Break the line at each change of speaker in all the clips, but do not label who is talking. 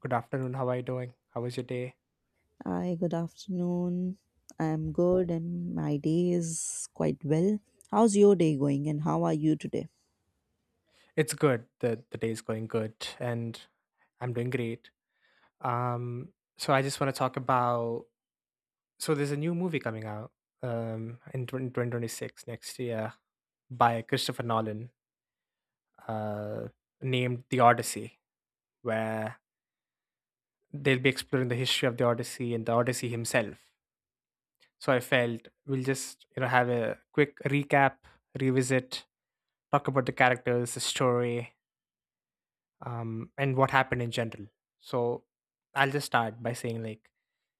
Good afternoon. How are you doing? How was your day?
Hi, good afternoon. I'm good and my day is quite well. How's your day going and how are you today?
It's good. The day is going good and I'm doing great. So I just want to talk about, so there's a new movie coming out, um in 20, 2026 next year by Christopher Nolan, uh named The Odyssey, where they'll be exploring the history of the Odyssey and the Odyssey himself. So I felt we'll just have a quick recap, revisit, talk about the characters, the story, and what happened in general. So I'll just start by saying, like,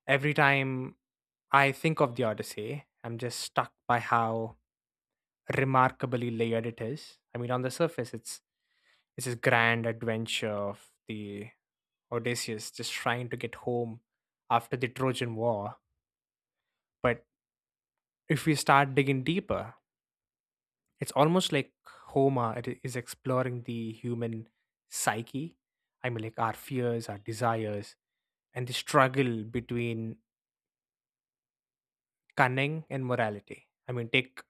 every time I think of the Odyssey, I'm just stuck by how remarkably layered it is. I mean, on the surface, it's this grand adventure of the Odysseus just trying to get home after the Trojan War. But if we start digging deeper, it's almost like Homer it is exploring the human psyche. I mean, like our fears, our desires, and the struggle between cunning and morality. I mean, take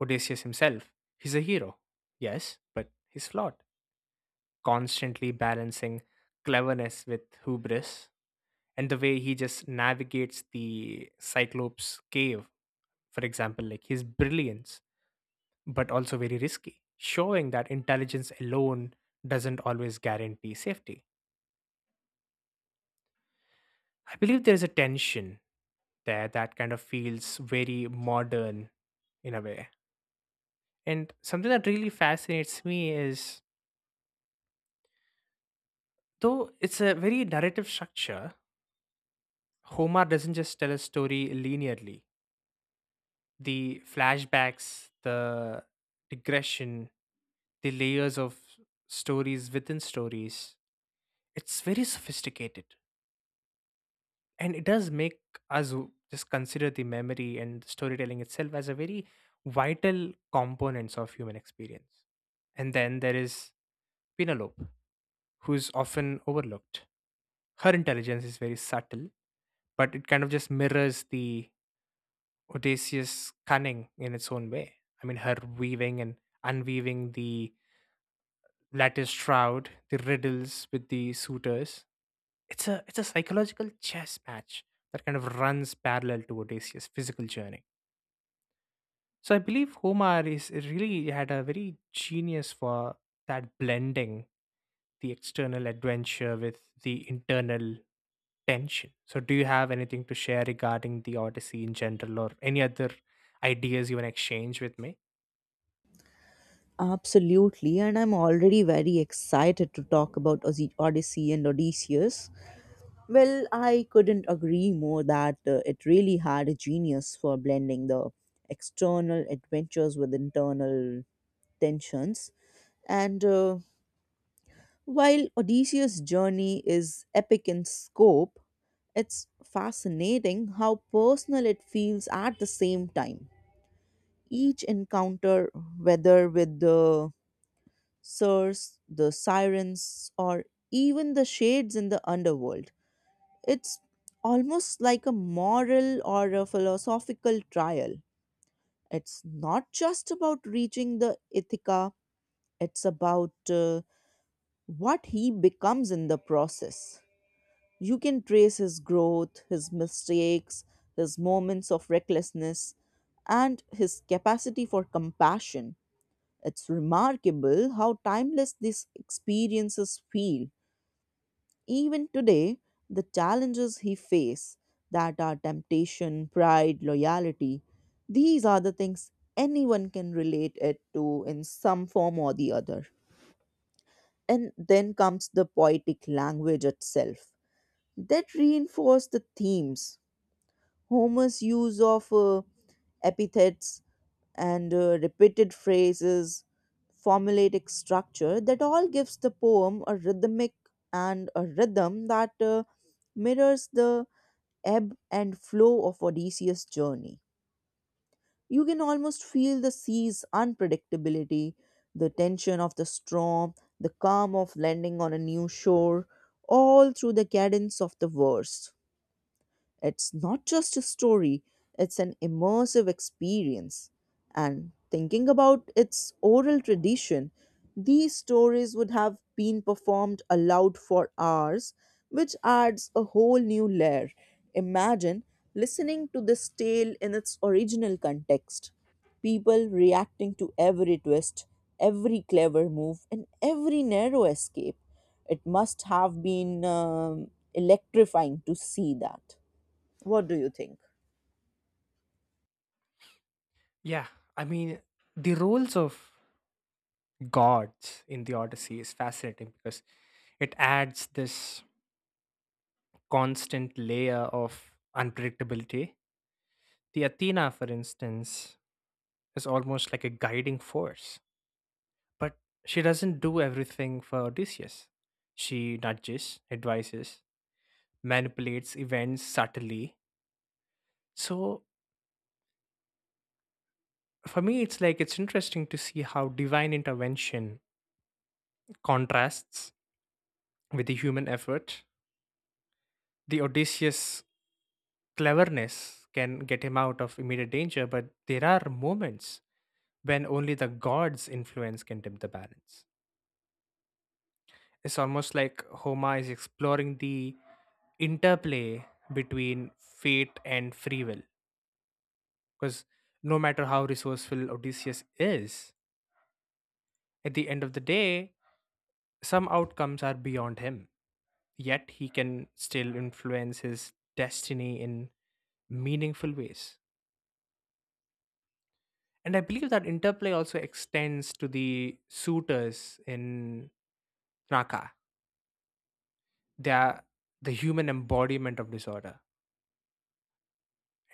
Odysseus himself. He's a hero, yes, but he's flawed, constantly balancing cleverness with hubris. And the way he just navigates the Cyclops cave, for example, like his brilliance, but also very risky, showing that intelligence alone doesn't always guarantee safety. I believe there's a tension there that kind of feels very modern in a way. And something that really fascinates me is, though it's a very narrative structure, Homer doesn't just tell a story linearly. The flashbacks, the digression, the layers of stories within stories, it's very sophisticated. And it does make just consider the memory and the storytelling itself as a very vital components of human experience. And then there is Penelope, who's often overlooked. Her intelligence is very subtle, but it kind of just mirrors the Odysseus cunning in its own way. I mean, her weaving and unweaving the lattice shroud, the riddles with the suitors. It's a psychological chess match that kind of runs parallel to Odysseus' physical journey. So I believe Homer is really had a very genius for that, blending the external adventure with the internal tension. So do you have anything to share regarding the Odyssey in general, or any other ideas you want to exchange with me?
Absolutely, and I'm already very excited to talk about Odyssey and Odysseus. Well, I couldn't agree more that it really had a genius for blending the external adventures with internal tensions. And while Odysseus' journey is epic in scope, it's fascinating how personal it feels at the same time. Each encounter, whether with the Sirens, or even the shades in the underworld, it's almost like a moral or a philosophical trial. It's not just about reaching the Ithaca, it's about what he becomes in the process. You can trace his growth, his mistakes, his moments of recklessness, and his capacity for compassion. It's remarkable how timeless these experiences feel. Even today, the challenges he faces that are temptation, pride, loyalty, these are the things anyone can relate it to in some form or the other. And then comes the poetic language itself that reinforce the themes. Homer's use of epithets and repeated phrases, formulaic structure that all gives the poem a rhythmic and a rhythm that mirrors the ebb and flow of Odysseus' journey. You can almost feel the sea's unpredictability, the tension of the storm, the calm of landing on a new shore, all through the cadence of the verse. It's not just a story, it's an immersive experience. And thinking about its oral tradition, these stories would have been performed aloud for hours, which adds a whole new layer. Imagine listening to this tale in its original context, people reacting to every twist, every clever move, and every narrow escape. It must have been electrifying to see that. What do you think?
Yeah, I mean, the roles of gods in the Odyssey is fascinating because it adds this constant layer of unpredictability. The Athena, for instance, is almost like a guiding force. But she doesn't do everything for Odysseus. She nudges, advises, manipulates events subtly. So for me, it's like it's interesting to see how divine intervention contrasts with the human effort. The Odysseus cleverness can get him out of immediate danger, but there are moments when only the gods' influence can tip the balance. It's almost like Homer is exploring the interplay between fate and free will. Because no matter how resourceful Odysseus is, at the end of the day, some outcomes are beyond him. Yet he can still influence his destiny in meaningful ways. And I believe that interplay also extends to the suitors in Naka. They are the human embodiment of disorder.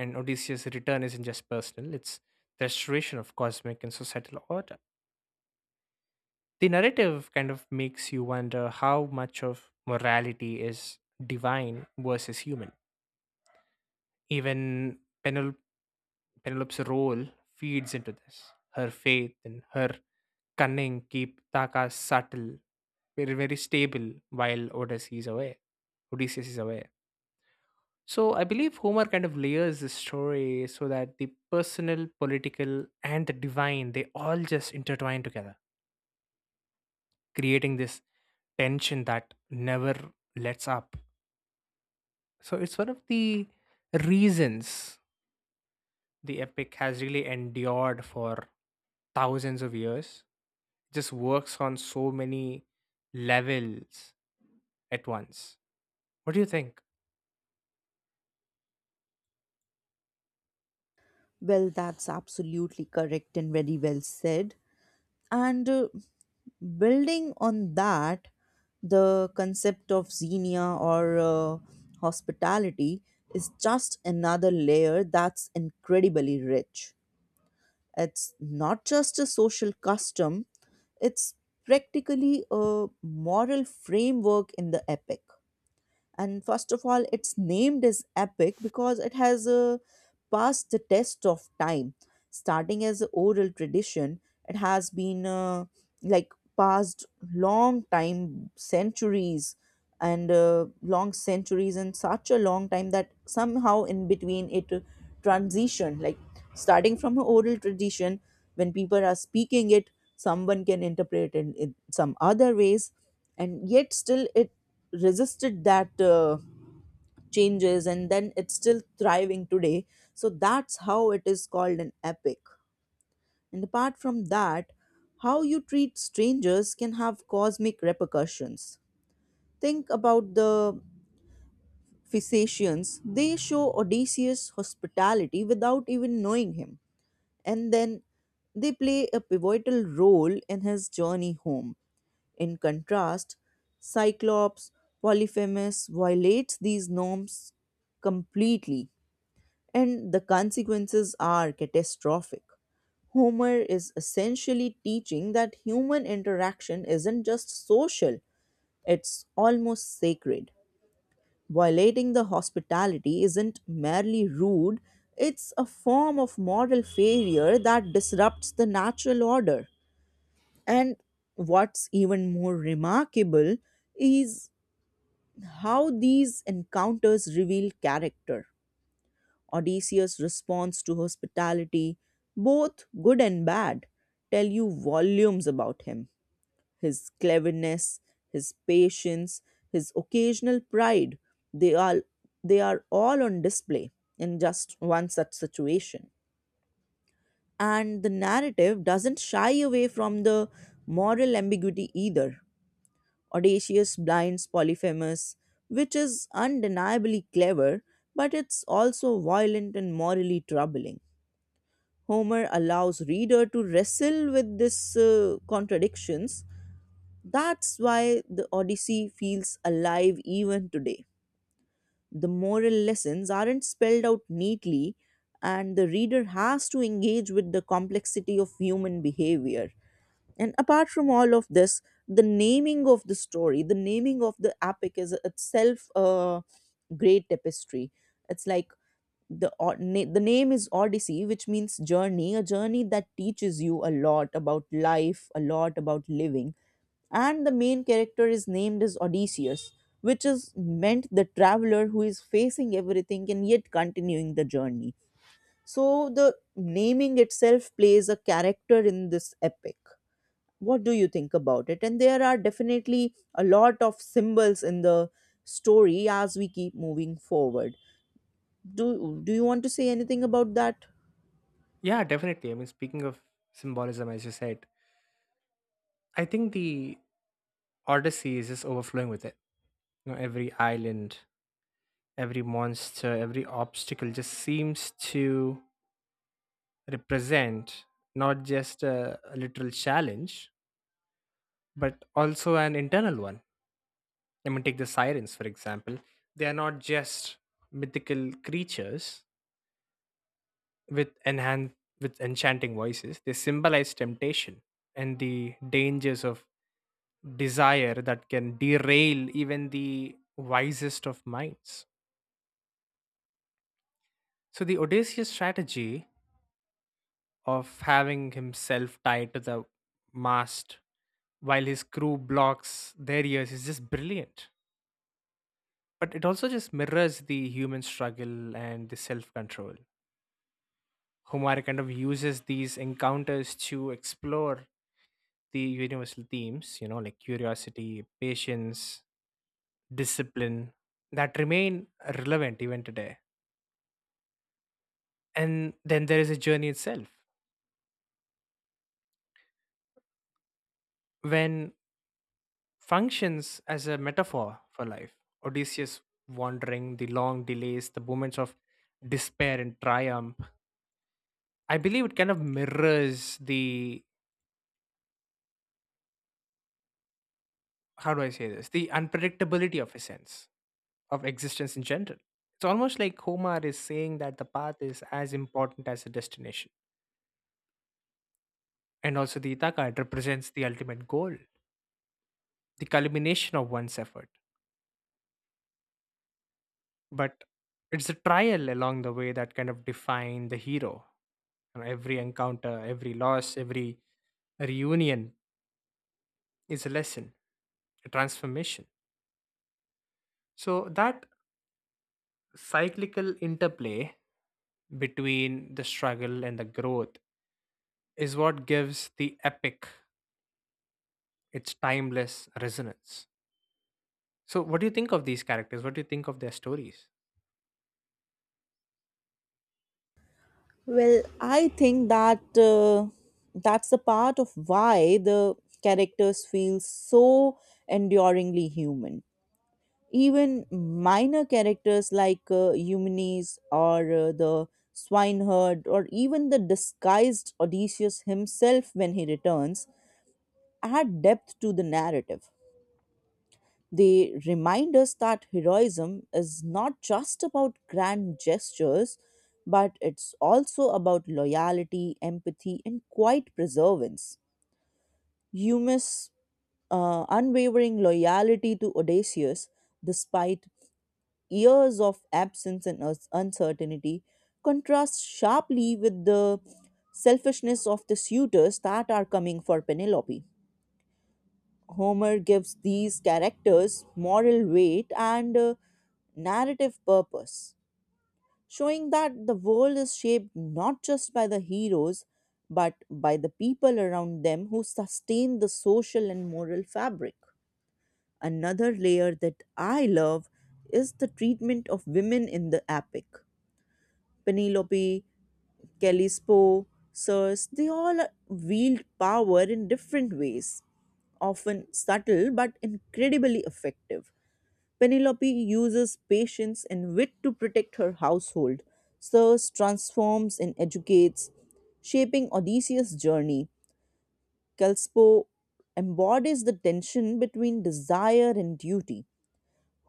And Odysseus' return isn't just personal, it's the restoration of cosmic and societal order. The narrative kind of makes you wonder how much of morality is divine versus human. Even Penelope's role feeds into this. Her faith and her cunning keep Taka subtle, very, very stable while Odysseus is away. Odysseus is away. So I believe Homer kind of layers the story so that the personal, political, and the divine, they all just intertwine together, creating this tension that never lets up. So it's one of the reasons the epic has really endured for thousands of years. It just works on so many levels at once. What do you think?
Well, that's absolutely correct and very well said. And building on that, the concept of xenia or hospitality is just another layer that's incredibly rich. It's not just a social custom, it's practically a moral framework in the epic. And first of all it's named as epic because it has passed the test of time, starting as an oral tradition. It has been like passed long time centuries and long centuries and such a long time that somehow in between it transition like starting from an oral tradition when people are speaking it someone can interpret it in some other ways, and yet still it resisted that changes, and then it's still thriving today. So that's how it is called an epic. And apart from that, how you treat strangers can have cosmic repercussions. Think about the Phaeacians; they show Odysseus hospitality without even knowing him, and then they play a pivotal role in his journey home. In contrast, Cyclops Polyphemus violates these norms completely, and the consequences are catastrophic. Homer is essentially teaching that human interaction isn't just social, it's almost sacred. Violating the hospitality isn't merely rude, it's a form of moral failure that disrupts the natural order. And what's even more remarkable is how these encounters reveal character. Odysseus' response to hospitality, both good and bad, tell you volumes about him. His cleverness, his patience, his occasional pride, they are, they are all on display in just one such situation. And the narrative doesn't shy away from the moral ambiguity either. Audacious blinds Polyphemus, which is undeniably clever, but it's also violent and morally troubling. Homer allows reader to wrestle with these contradictions. That's why the Odyssey feels alive even today. The moral lessons aren't spelled out neatly, and the reader has to engage with the complexity of human behavior. And apart from all of this, the naming of the story, the naming of the epic is itself a great tapestry. It's like the name is Odyssey, which means journey, a journey that teaches you a lot about life, a lot about living. And the main character is named as Odysseus, which is meant the traveler who is facing everything and yet continuing the journey. So the naming itself plays a character in this epic. What do you think about it? And there are definitely a lot of symbols in the story as we keep moving forward. Do you want to say anything about that?
Yeah, definitely. I mean, speaking of symbolism, as you said, I think the Odyssey is just overflowing with it. You know, every island, every monster, every obstacle just seems to represent not just a literal challenge, but also an internal one. I mean, take the sirens, for example. They are not just mythical creatures with enhan- with enchanting voices. They symbolize temptation and the dangers of desire that can derail even the wisest of minds. So the Odysseus strategy of having himself tied to the mast while his crew blocks their ears is just brilliant. But it also just mirrors the human struggle and the self control. Humar kind of uses these encounters to explore the universal themes, you know, like curiosity, patience, discipline, that remain relevant even today. And then there is a journey itself, when functions as a metaphor for life. Odysseus wandering, the long delays, the moments of despair and triumph. I believe it kind of mirrors the, how do I say this? The unpredictability of a sense of existence in general. It's almost like Homer is saying that the path is as important as the destination. And also the Ithaca, it represents the ultimate goal, the culmination of one's effort. But it's the trial along the way that kind of define the hero. And every encounter, every loss, every reunion is a lesson, a transformation. So that cyclical interplay between the struggle and the growth is what gives the epic its timeless resonance. So, what do you think of these characters? What do you think of their stories?
Well, I think that that's the part of why the characters feel so enduringly human. Even minor characters like Eumenes or the swineherd or even the disguised Odysseus himself when he returns add depth to the narrative. They remind us that heroism is not just about grand gestures, but it's also about loyalty, empathy, and quiet perseverance. Eumaeus' unwavering loyalty to Odysseus, despite years of absence and uncertainty, contrasts sharply with the selfishness of the suitors that are coming for Penelope. Homer gives these characters moral weight and narrative purpose, showing that the world is shaped not just by the heroes but by the people around them who sustain the social and moral fabric. Another layer that I love is the treatment of women in the epic. Penelope, Callisto, Circe, they all wield power in different ways, often subtle but incredibly effective. Penelope uses patience and wit to protect her household. Circe transforms and educates, shaping Odysseus' journey. Callisto embodies the tension between desire and duty.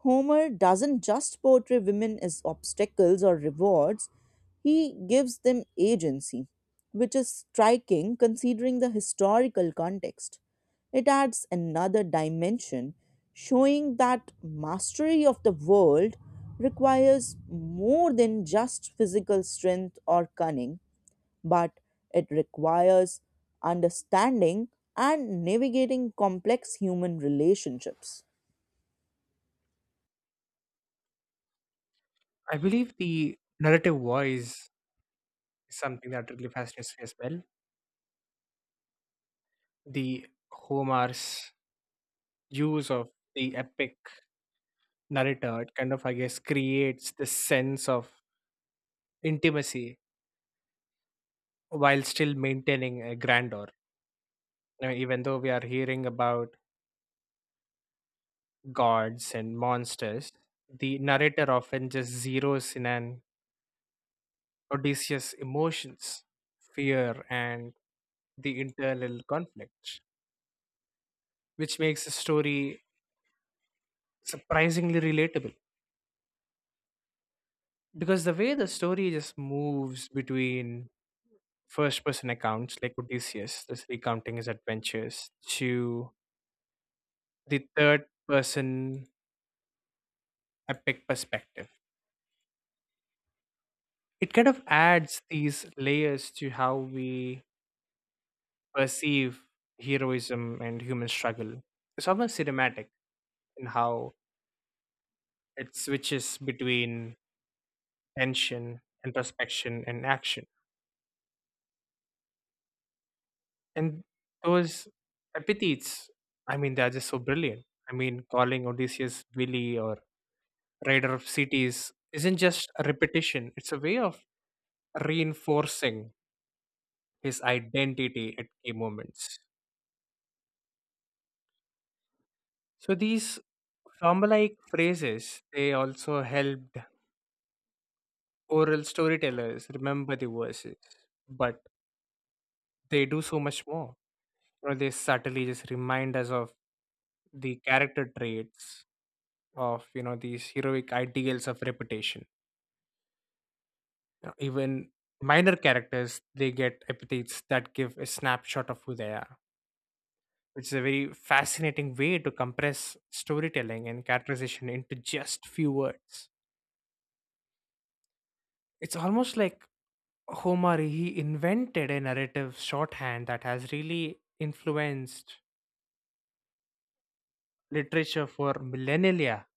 Homer doesn't just portray women as obstacles or rewards, he gives them agency, which is striking considering the historical context. It adds another dimension, showing that mastery of the world requires more than just physical strength or cunning, but it requires understanding and navigating complex human relationships.
I believe the narrative voice is something that really fascinates me as well. The Homer's use of the epic narrator, it kind of, I guess, creates this sense of intimacy while still maintaining a grandeur. Now, even though we are hearing about gods and monsters, the narrator often just zeroes in on Odysseus' emotions, fear, and the internal conflict, which makes the story surprisingly relatable. Because the way the story just moves between first person accounts, like Odysseus just recounting his adventures, to the third person epic perspective, it kind of adds these layers to how we perceive heroism and human struggle. It's almost cinematic in how it switches between tension, introspection, and action. And those epithets, I mean, they're just so brilliant. I mean, calling Odysseus Willy or Rider of Cities isn't just a repetition, it's a way of reinforcing his identity at key moments. So these Rama-like phrases, they also helped oral storytellers remember the verses, but they do so much more. You know, they subtly just remind us of the character traits of, you know, these heroic ideals of reputation. You know, even minor characters, they get epithets that give a snapshot of who they are, which is a very fascinating way to compress storytelling and characterization into just few words. It's almost like Homer he invented a narrative shorthand that has really influenced literature for millennia.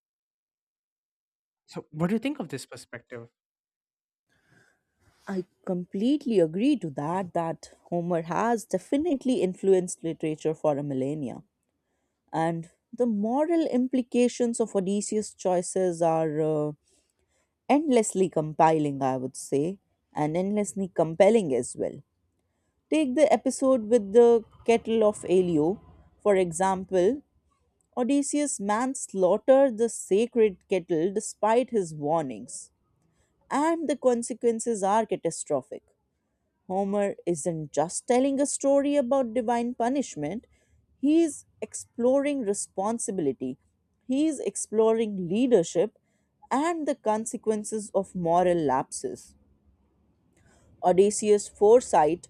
So, what do you think of this perspective?
I completely agree to that that Homer has definitely influenced literature for a millennia, and the moral implications of Odysseus' choices are endlessly compiling I would say, and endlessly compelling as well. Take the episode with the kettle of Elio, for example. Odysseus manslaughter the sacred kettle despite his warnings, and the consequences are catastrophic. Homer isn't just telling a story about divine punishment, he is exploring responsibility, he is exploring leadership and the consequences of moral lapses. Odysseus' foresight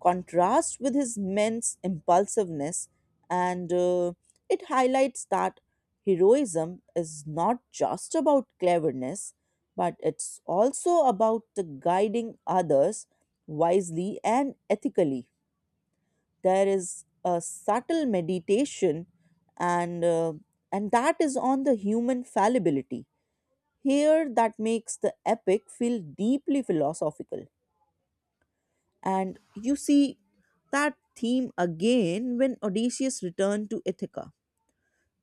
contrasts with his men's impulsiveness, and it highlights that heroism is not just about cleverness, but it's also about the guiding others wisely and ethically. There is a subtle meditation, and uh, and that is on the human fallibility here that makes the epic feel deeply philosophical. And you see that theme again when Odysseus returned to Ithaca.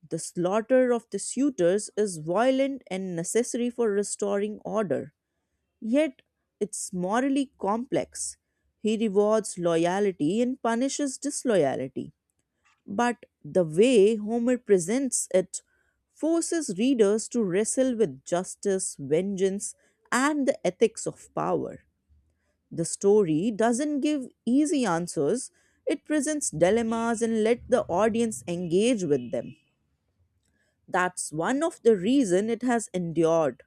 The slaughter of the suitors is violent and necessary for restoring order, yet it's morally complex. He rewards loyalty and punishes disloyalty. But the way Homer presents it forces readers to wrestle with justice, vengeance, and the ethics of power. The story doesn't give easy answers, it presents dilemmas and let the audience engage with them. That's one of the reason it has endured.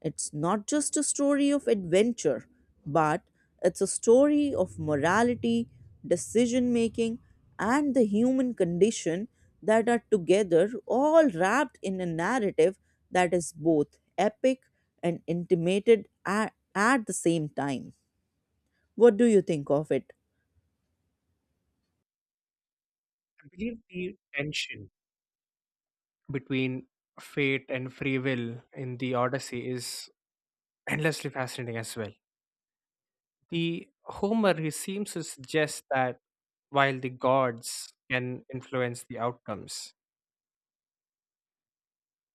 It's not just a story of adventure, but it's a story of morality, decision making, and the human condition that are together all wrapped in a narrative that is both epic and intimated at the same time. What do you think of it?
I believe the tension between fate and free will in the Odyssey is endlessly fascinating as well. The Homer, he seems to suggest that while the gods can influence the outcomes,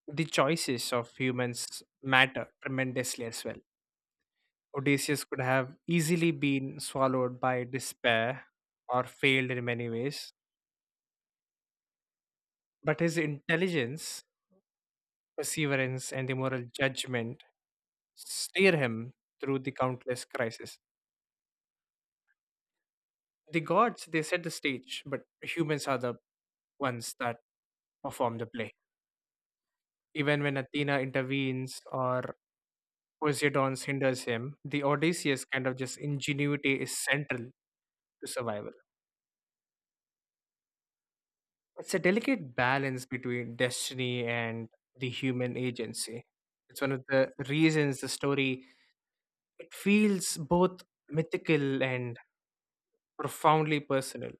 the choices of humans matter tremendously as well. Odysseus could have easily been swallowed by despair or failed in many ways, but his intelligence, perseverance, and immoral judgment steer him through the countless crises. The gods, they set the stage, but humans are the ones that perform the play. Even when Athena intervenes or Poseidon hinders him, the Odysseus kind of just ingenuity is central to survival. It's a delicate balance between destiny and the human agency. It's one of the reasons the story it feels both mythical and profoundly personal.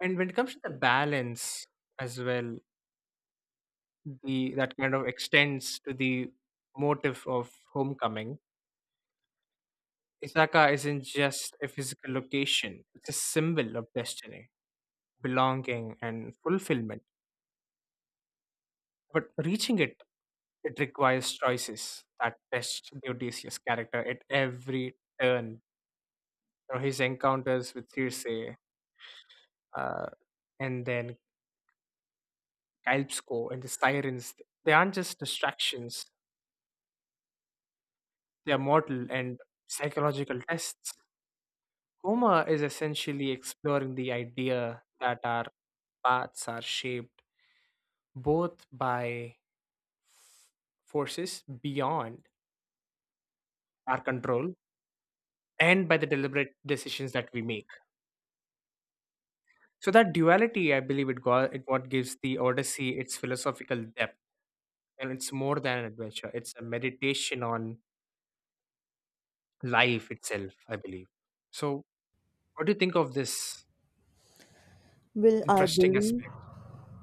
And when it comes to the balance as well, the that kind of extends to the motive of homecoming. Isaka isn't just a physical location; it's a symbol of destiny, belonging, and fulfillment. But reaching it, it requires choices that test Odysseus' character at every turn. You know, his encounters with Circe, uh, and then Calypso and the sirens, they aren't just distractions, they are mortal and psychological tests. Homer is essentially exploring the idea that our paths are shaped both by forces beyond our control and by the deliberate decisions that we make. So that duality, I believe, it got it what gives the Odyssey its philosophical depth, and it's more than an adventure; it's a meditation on life itself, I believe. So, what do you think of this
Will I
interesting
believe?
aspect?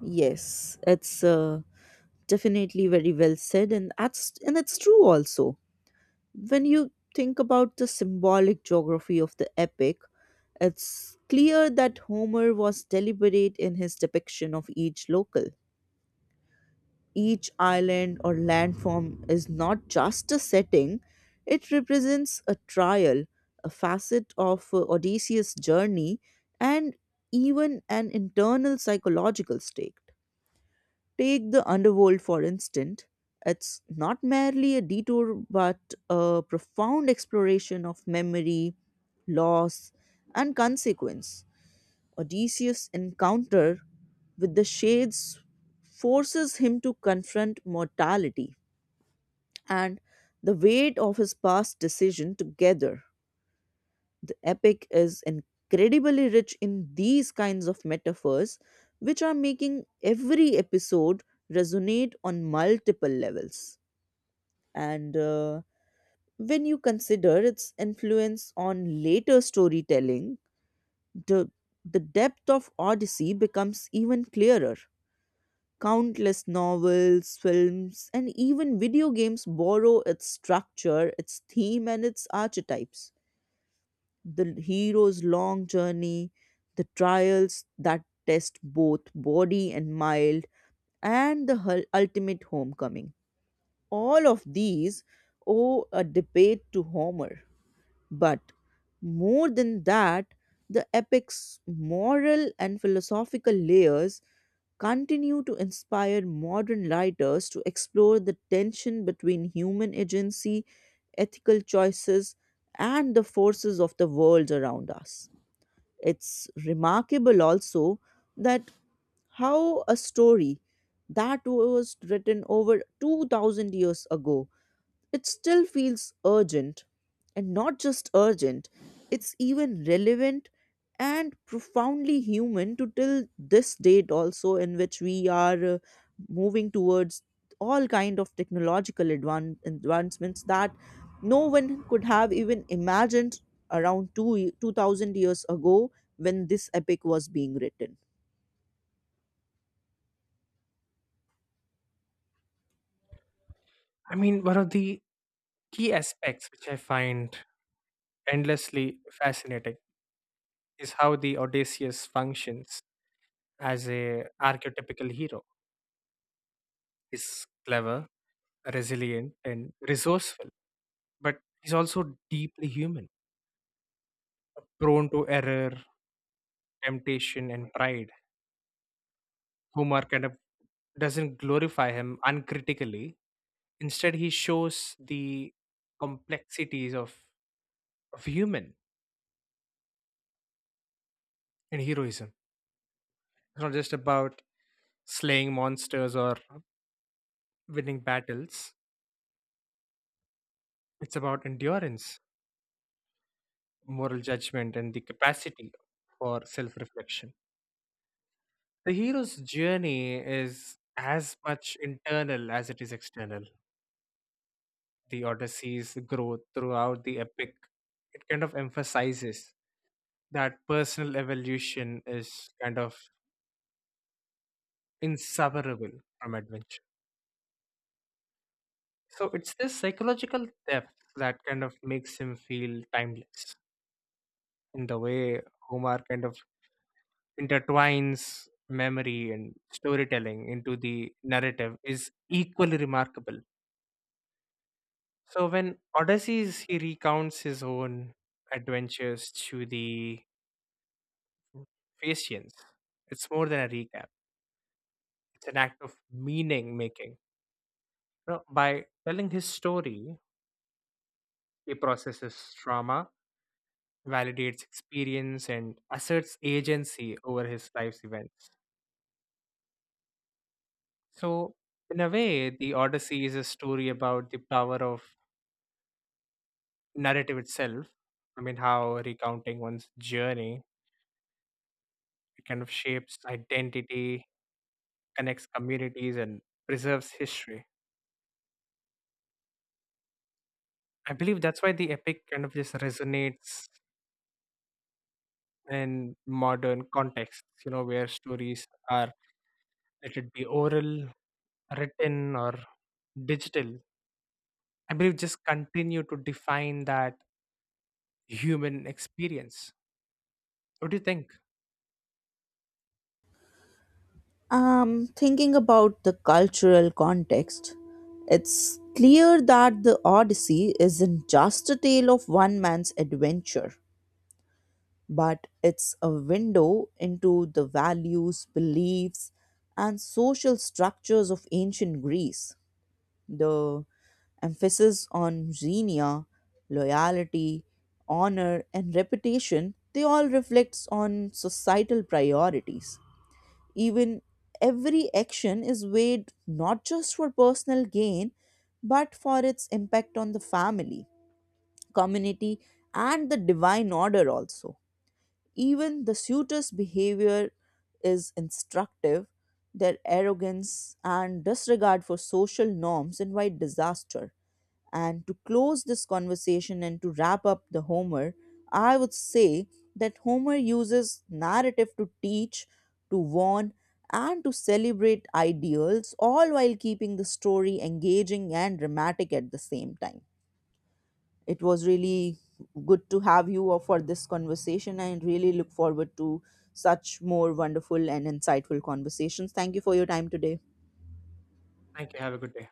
Yes, it's definitely very well said, and that's and it's true also. When you think about the symbolic geography of the epic, it's clear that Homer was deliberate in his depiction of each local. Each island or landform is not just a setting; it represents a trial, a facet of Odysseus' journey, and even an internal psychological state. Take the underworld for instance. It's not merely a detour, but a profound exploration of memory, loss, and consequence. Odysseus' encounter with the shades forces him to confront mortality and the weight of his past decision together. The epic is incredibly rich in these kinds of metaphors, which are making every episode resonate on multiple levels. And when you consider its influence on later storytelling, the, the depth of Odyssey becomes even clearer. Countless novels, films, and even video games borrow its structure, its theme, and its archetypes, the hero's long journey, the trials that test both body and mind, and the ultimate homecoming. All of these owe a debate to Homer. But more than that, the epic's moral and philosophical layers continue to inspire modern writers to explore the tension between human agency, ethical choices, and the forces of the world around us. It's remarkable also that how a story that was written over 2000 years ago it still feels urgent, and not just urgent, it's even relevant and profoundly human to till this date also, in which we are moving towards all kind of technological advancements that no one could have even imagined around 2000 years ago when this epic was being written.
I mean, one of the key aspects which I find endlessly fascinating is how the Odysseus functions as a archetypical hero. He's clever, resilient, and resourceful, but he's also deeply human, prone to error, temptation, and pride. Homer kind of doesn't glorify him uncritically. Instead, he shows the complexities of human and heroism. It's not just about slaying monsters or winning battles, it's about endurance, moral judgment, and the capacity for self reflection. The hero's journey is as much internal as it is external. The Odyssey's growth throughout the epic, it kind of emphasizes that personal evolution is kind of inseparable from adventure. So it's this psychological depth that kind of makes him feel timeless in the way Homer kind of intertwines memory and storytelling into the narrative is equally remarkable. So when Odysseus he recounts his own adventures to the Patience, it's more than a recap. It's an act of meaning making. You know, by telling his story, he processes trauma, validates experience, and asserts agency over his life's events. So, in a way, the Odyssey is a story about the power of narrative itself. I mean, how recounting one's journey, it kind of shapes identity, connects communities, and preserves history. I believe that's why the epic kind of just resonates in modern contexts, you know, where stories are, let it be oral, written, or digital, I believe just continue to define that human experience. What do you think?
Thinking about the cultural context, it's clear that the Odyssey isn't just a tale of one man's adventure, but it's a window into the values, beliefs, and social structures of ancient Greece. The emphasis on xenia, loyalty, honor, and reputation, they all reflects on societal priorities. Even every action is weighed not just for personal gain, but for its impact on the family, community, and the divine order also. Even the suitor's behavior is instructive. Their arrogance and disregard for social norms invite disaster. And to close this conversation and to wrap up the Homer, I would say that Homer uses narrative to teach, to warn, and to celebrate ideals, all while keeping the story engaging and dramatic at the same time. It was really good to have you all for this conversation. I really look forward to such more wonderful and insightful conversations. Thank you for your time today.
Thank you. Have a good day.